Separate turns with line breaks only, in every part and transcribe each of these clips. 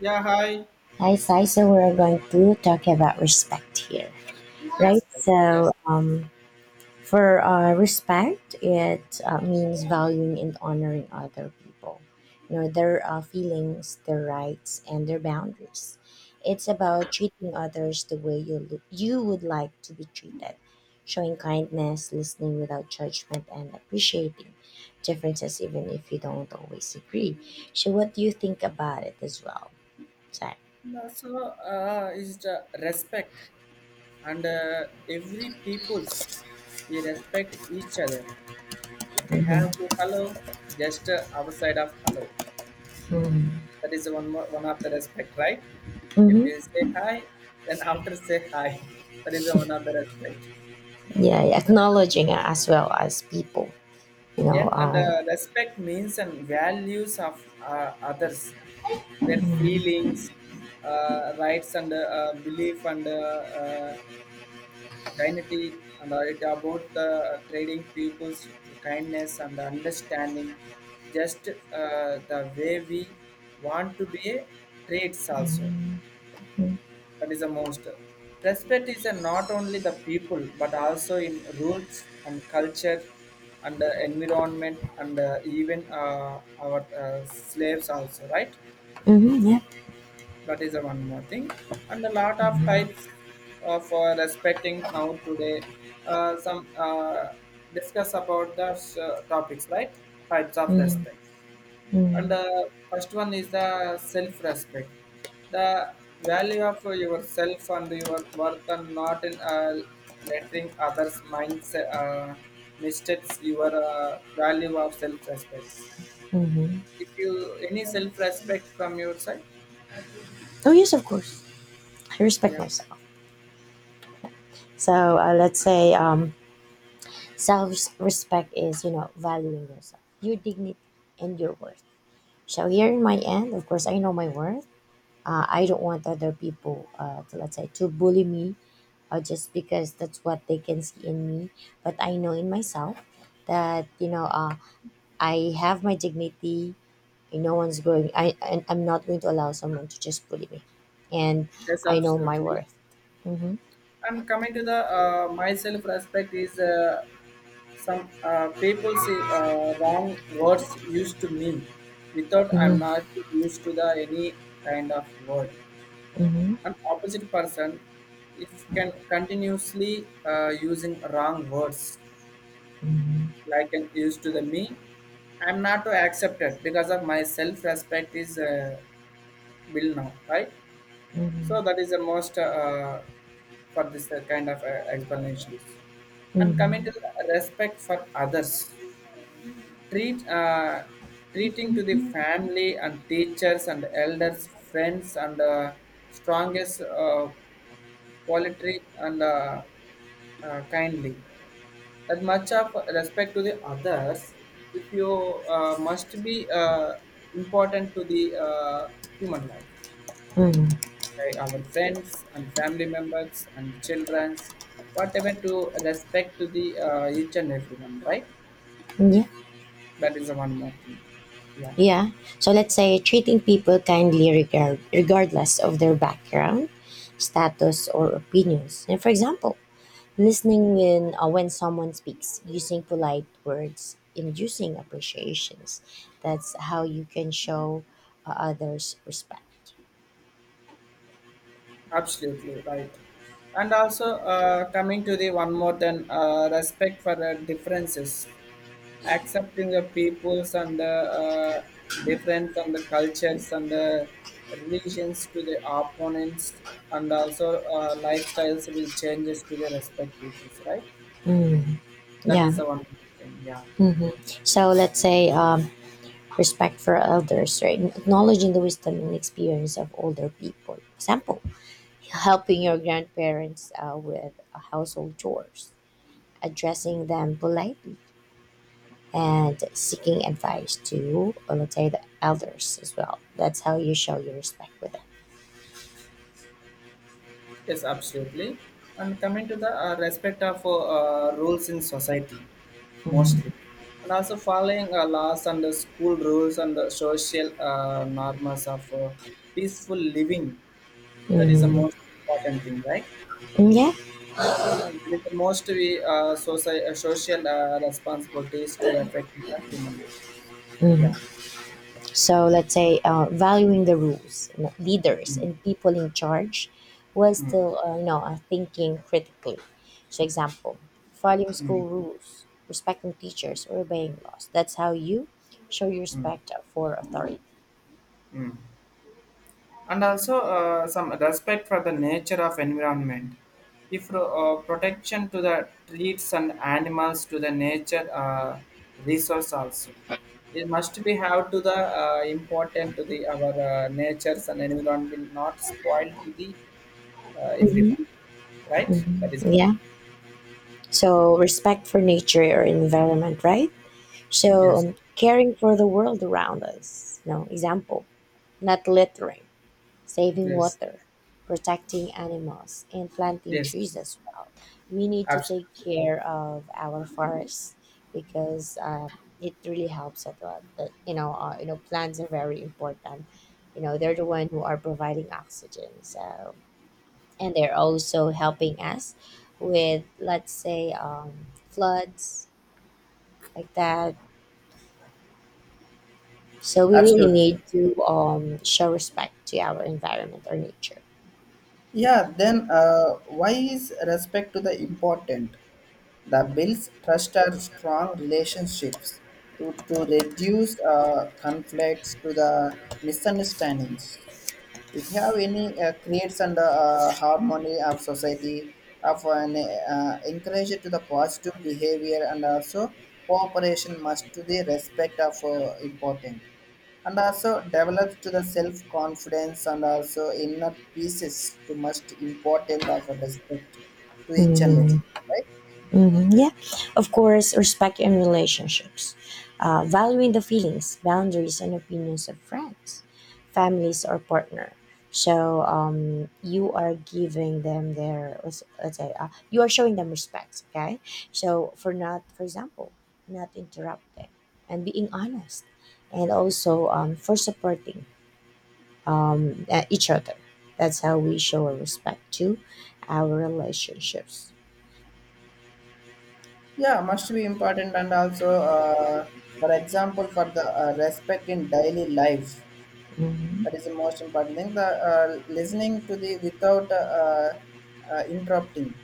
Yeah, hi.
Hi, Sai. So we're going to talk about respect here, right?
Respect. Yes.
For respect, it means valuing and honoring other people, you know, their feelings, their rights, and their boundaries. It's about treating others the way you would like to be treated, showing kindness, listening without judgment, and appreciating differences, even if you don't always agree. So, what do you think about it as well, Sai?
And also is the respect and every people's we respect each other if we
Mhm.
have to hello just our side of hello,
Mhm.
that is one more, one of the respect, right? If
hmm
we say hi then after say hi that is one of the respect.
Yeah, acknowledging it as well as people, you know.
Yeah, and respect means and values of others, their feelings, rights, and belief, and dignity, and it about the trading peoples to kindness and understanding, just the way we want to be a traits also, that is a monster. Respect is a not only the people but also in rules and culture and the environment and even our slaves also, right?
Mm hmm yeah.
That is a one more thing. And a lot of types of respecting now today. Some Discuss about the topics, right? Types of
hmm
respect,
hmm
and first one is the self respect, the value of yourself and your worth and not in letting others minds mistakes your value of self respect.
hmm
If you any self respect from your side,
Oh yes, of course. I respect
yeah,
myself. Let's say, self-respect is, you know, valuing yourself, your dignity, and your worth. So here in my end, of course, I know my worth. I don't want other people to, let's say, to bully me or just because that's what they can see in me. But I know in myself that, you know, I have my dignity. And no one's going. I'm not going to allow someone to just bully me, and
yes,
I know my
absolutely.
worth. Mm-hmm.
And coming to the my self respect is some people say wrong words used to me without I'm
Mm-hmm.
not used to the any kind of word. An opposite person is can continuously using wrong words
Mm-hmm.
like an used to the me. I'm not to accept it because of my self-respect is built now, right? So
Mm-hmm.
that is the most for this kind of explanations. And coming
Mm-hmm.
to the respect for others, treat uh, treating to the family and teachers and elders friends and strongest politely and kindly, that much of respect to the others, if you must be important to the human life,
Mm-hmm.
right? Our friends and family members and childrens whatever to respect to the each and everyone, right?
Yeah.
That is the one more thing, yeah.
Yeah. So let's say treating people kindly regardless of their background, status, or opinions. And for example, listening when someone speaks, using polite words, inducing appreciations. That's how you can show others respect.
Absolutely right. And also, coming to the one more than respect for the differences, accepting the peoples and the different from the cultures and the religions to the opponents, and also lifestyles will changes to the respect peoples, right?
Mm,
That
yeah.
is the one thing, yeah.
hmm So let's say, respect for elders, right? Acknowledging the wisdom and experience of older people. Example, helping your grandparents with household chores, addressing them politely and seeking advice to, let's say, the elders as well. That's how you show your respect with them.
Yes, absolutely. And coming to the respect of rules in society,
Mhm.
mostly, and also following laws and the school rules and the social norms of peaceful living, that is the
Mm,
most important thing, right?
yeah.
And it is the most we social responsibilities to affect the human lives. Yeah.
Mm-hmm. So let's say, valuing the rules, you know, leaders, and people in charge was
Mm,
still, you know, thinking critically. So, example, following school rules, respecting teachers, or obeying laws. That's how you show your
mm,
respect for authority.
mm. And also some respect for the nature of environment, if protection to the trees and animals to the nature resource also, it must be have to the important to the our natures and environment will not spoil to the everyone,
Mm-hmm.
right? That is
Yeah. So respect for nature or environment, right?
yes,
Caring for the world around us. No example, not littering, saving
yes,
water, protecting animals, and planting
yes,
trees as well. We need to take
absolutely.
care of our forests because it really helps a lot. That, you know, plants are very important. You know, they're the one who are providing oxygen. So, and they're also helping us with, let's say, floods like that. So we really
Absolutely.
need to show respect to our environment or nature.
Yeah, then why is respect to the important? The bills trust our strong relationships to, reduce conflicts to the misunderstandings. If you have any creates and, uh, so quality resilient and also self so is respect to each and every,
Hmm
right.
hmm Yeah, of course, respect in relationships, valuing the feelings, boundaries, and opinions of friends, families, or partner. You are giving them their let's say, you are showing them respect. Okay, so for example, not interrupting and being honest, and also, for supporting, at each other. That's how we show our respect to our relationships.
Yeah, must be important and also for example for the respect in daily life, that
Hmm
is the most important thing. The listening to the without interrupting,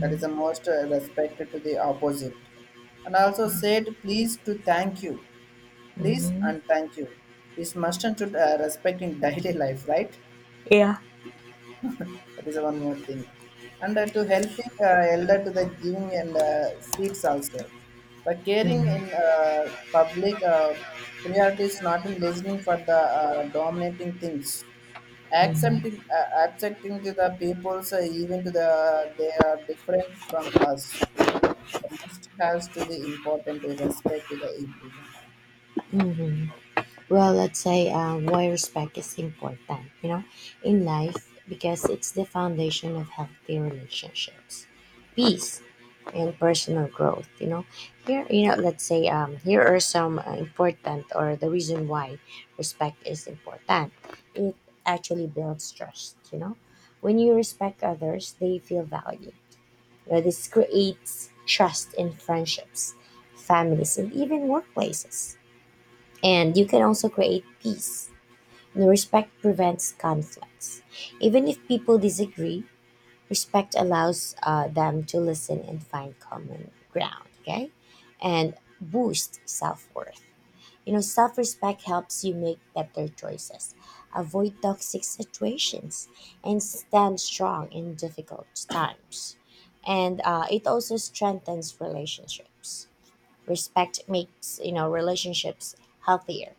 that is the most respected to the opposite, and also said please to thank you, please
hmm
and thank you. This must and should respect in daily life, right?
Yeah.
That is one more thing, and to helping elder to the giving and streets also, the caring in
hmm
public priorities not in listening for the dominating things, accepting to the people's even to the they are different from us, the must has to the important to respect to the everyone. Yeah.
hmm well, let's say, why respect is important, you know, in life, because it's the foundation of healthy relationships, peace, and personal growth. You know, here, you know, let's say, here are some important or the reason why respect is important. It actually builds trust, you know. When you respect others, they feel valued. You know, this creates trust in friendships, families, and even workplaces. And you can also create peace. No, respect prevents conflicts. Even if people disagree, respect allows them to listen and find common ground, okay? And boost self worth. You know, self respect helps you make better choices, avoid toxic situations, and stand strong in difficult times. And it also strengthens relationships. Respect makes, you know, relationships healthier.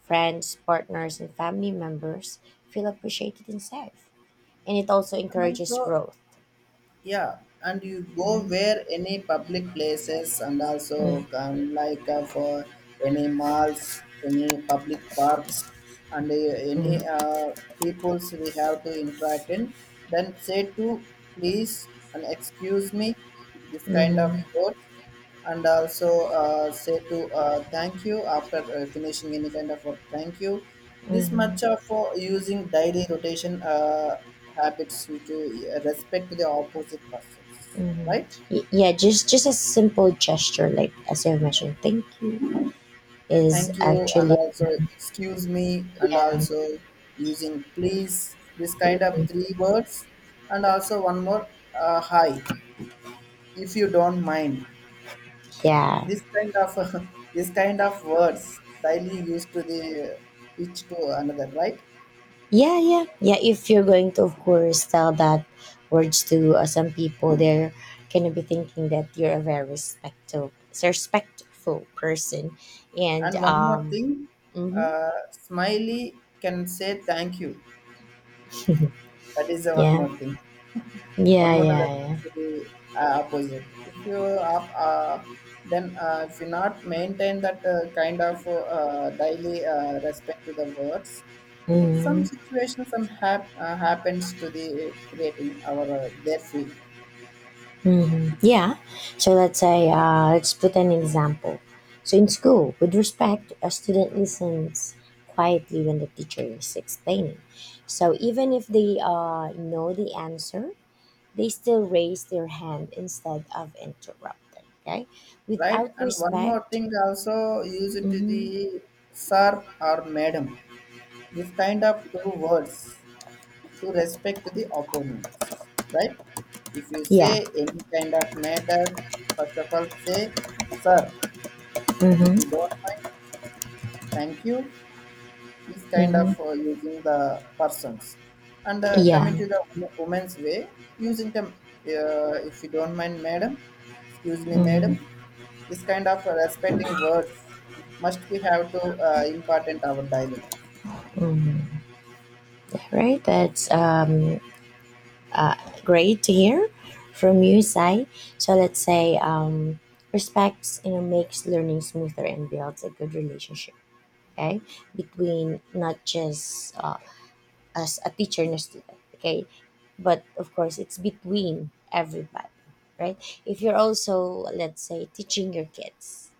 Friends, partners, and family members feel appreciated and safe. And it also
And
encourages
also,
growth.
yeah, and you go
Mhm,
where any public places and
mhm,
also like for any malls, any public parks, and any
mhm,
peoples we have to interact in, then say to please and excuse me, this kind of
mhm,
words, and also say to thank you after finishing any kind of work, thank you. This
mhm,
much of using daily rotation habits to respect to the opposite persons,
mhm.
right?
Yeah, just a simple gesture like as you mentioned, thank is
Thank you and
actually
also excuse me, and also using please, this kind of
mhm,
three words. And also one more hi, if you don't mind,
yeah,
this kind of this kind of words daily used to the each to another, right?
yeah, yeah, yeah. If you're going to, of course, tell that words to some people, they're gonna be thinking that you're a very respectful person, and
And one more thing,
mhm,
Smiley can say thank you. That is the one
yeah.
more thing. One
Yeah,
more thing
yeah,
that's
yeah.
actually opposite. If you have, then if you not maintain that kind of daily respect to the words, some
hmm
situation some happens to the creating our their feeling,
hmm Yeah. So let's say, let's put an example. So in school, with respect, a student listens quietly when the teacher is explaining. So even if they know the answer, they still raise their hand instead of interrupting. Okay.
right?
Without
And one more
respect.
thing also use it to
Hmm
the sir or madam. This kind of two words to respect the opponents, right? If you
Yeah.
say any kind of matter, first of all, say, sir, if you
hmm
don't mind, thank you. This kind of
hmm
using the persons. And
Yeah.
coming to the woman's way, using the, if you don't mind, madam, excuse me,
hmm
madam, this kind of respecting words must we have to impart in our daily life.
hmm Right. That's uh, great to hear from you, Sai. So let's say, respect, you know, makes learning smoother and builds a good relationship. Okay, between not just, as a teacher and a student, okay, but of course it's between everybody, right? If you're also, let's say, teaching your kids,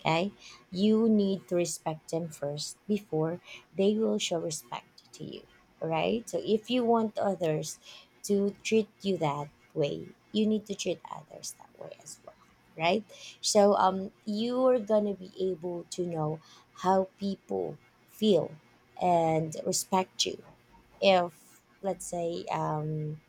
okay, you need to respect them first before they will show respect to you. All right, so if you want others to treat you that way, you need to treat others that way as well, right? So um, you are gonna be able to know how people feel and respect you. If let's say,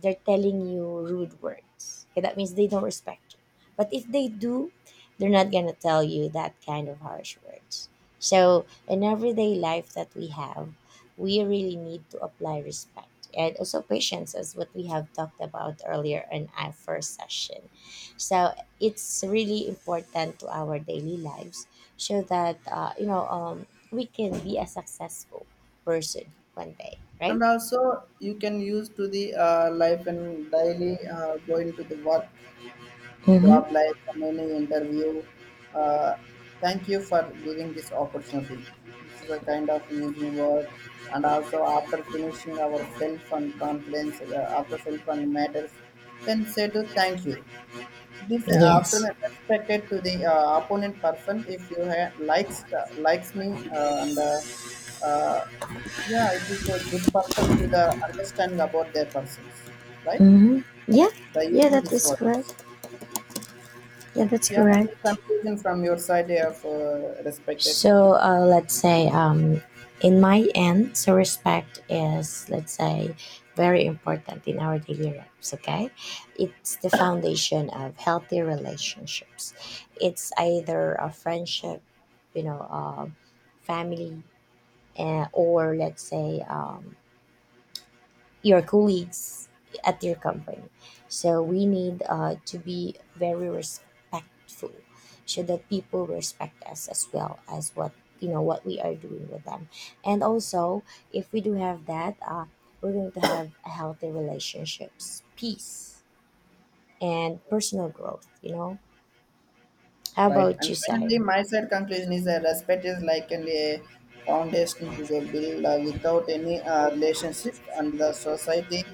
they're telling you rude words, okay, that means they don't respect you. But if they do, they're not going to tell you that kind of harsh words. So in everyday life that we have, we really need to apply respect and also patience as what we have talked about earlier in our first session. So it's really important to our daily lives, so that, you know, we can be a successful person one day,
And
right?
also you can use to the life and daily going to the work,
Mm-hmm.
job life, and any interview, uh, thank you for giving this opportunity, this is a kind of using word. And also after finishing our self and confidence after self and matters, then say to thank you. This after
Yes.
that respected to the opponent person, if you likes, likes me and uh, yeah, it is a good person to the understanding about their persons, right,
Mm-hmm. Yeah.
by
Yeah,
using
that
these
is
words.
correct. Yeah, that's
Yeah, any
correct.
conclusion from your side of respected?
Let's say, in my end, so respect is, let's say, very important in our daily lives, okay? It's the foundation of healthy relationships. It's either a friendship, you know, family, or let's say, your colleagues at your company. So we need to be very respectful, so that people respect us as well as what, you know, what we are doing with them. And also, if we do have that, we're going to have healthy relationships, peace, and personal growth. You know, how
Right.
about you,
And finally,
Sai?
my side conclusion is that respect is likely a foundation to the build without any relationship, and the society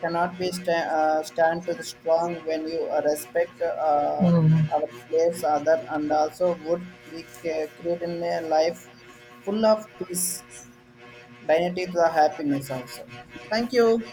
cannot be stand to the strong when you respect our slaves, other, and also would be creating a life full of peace, dignity, to the happiness also. Thank you.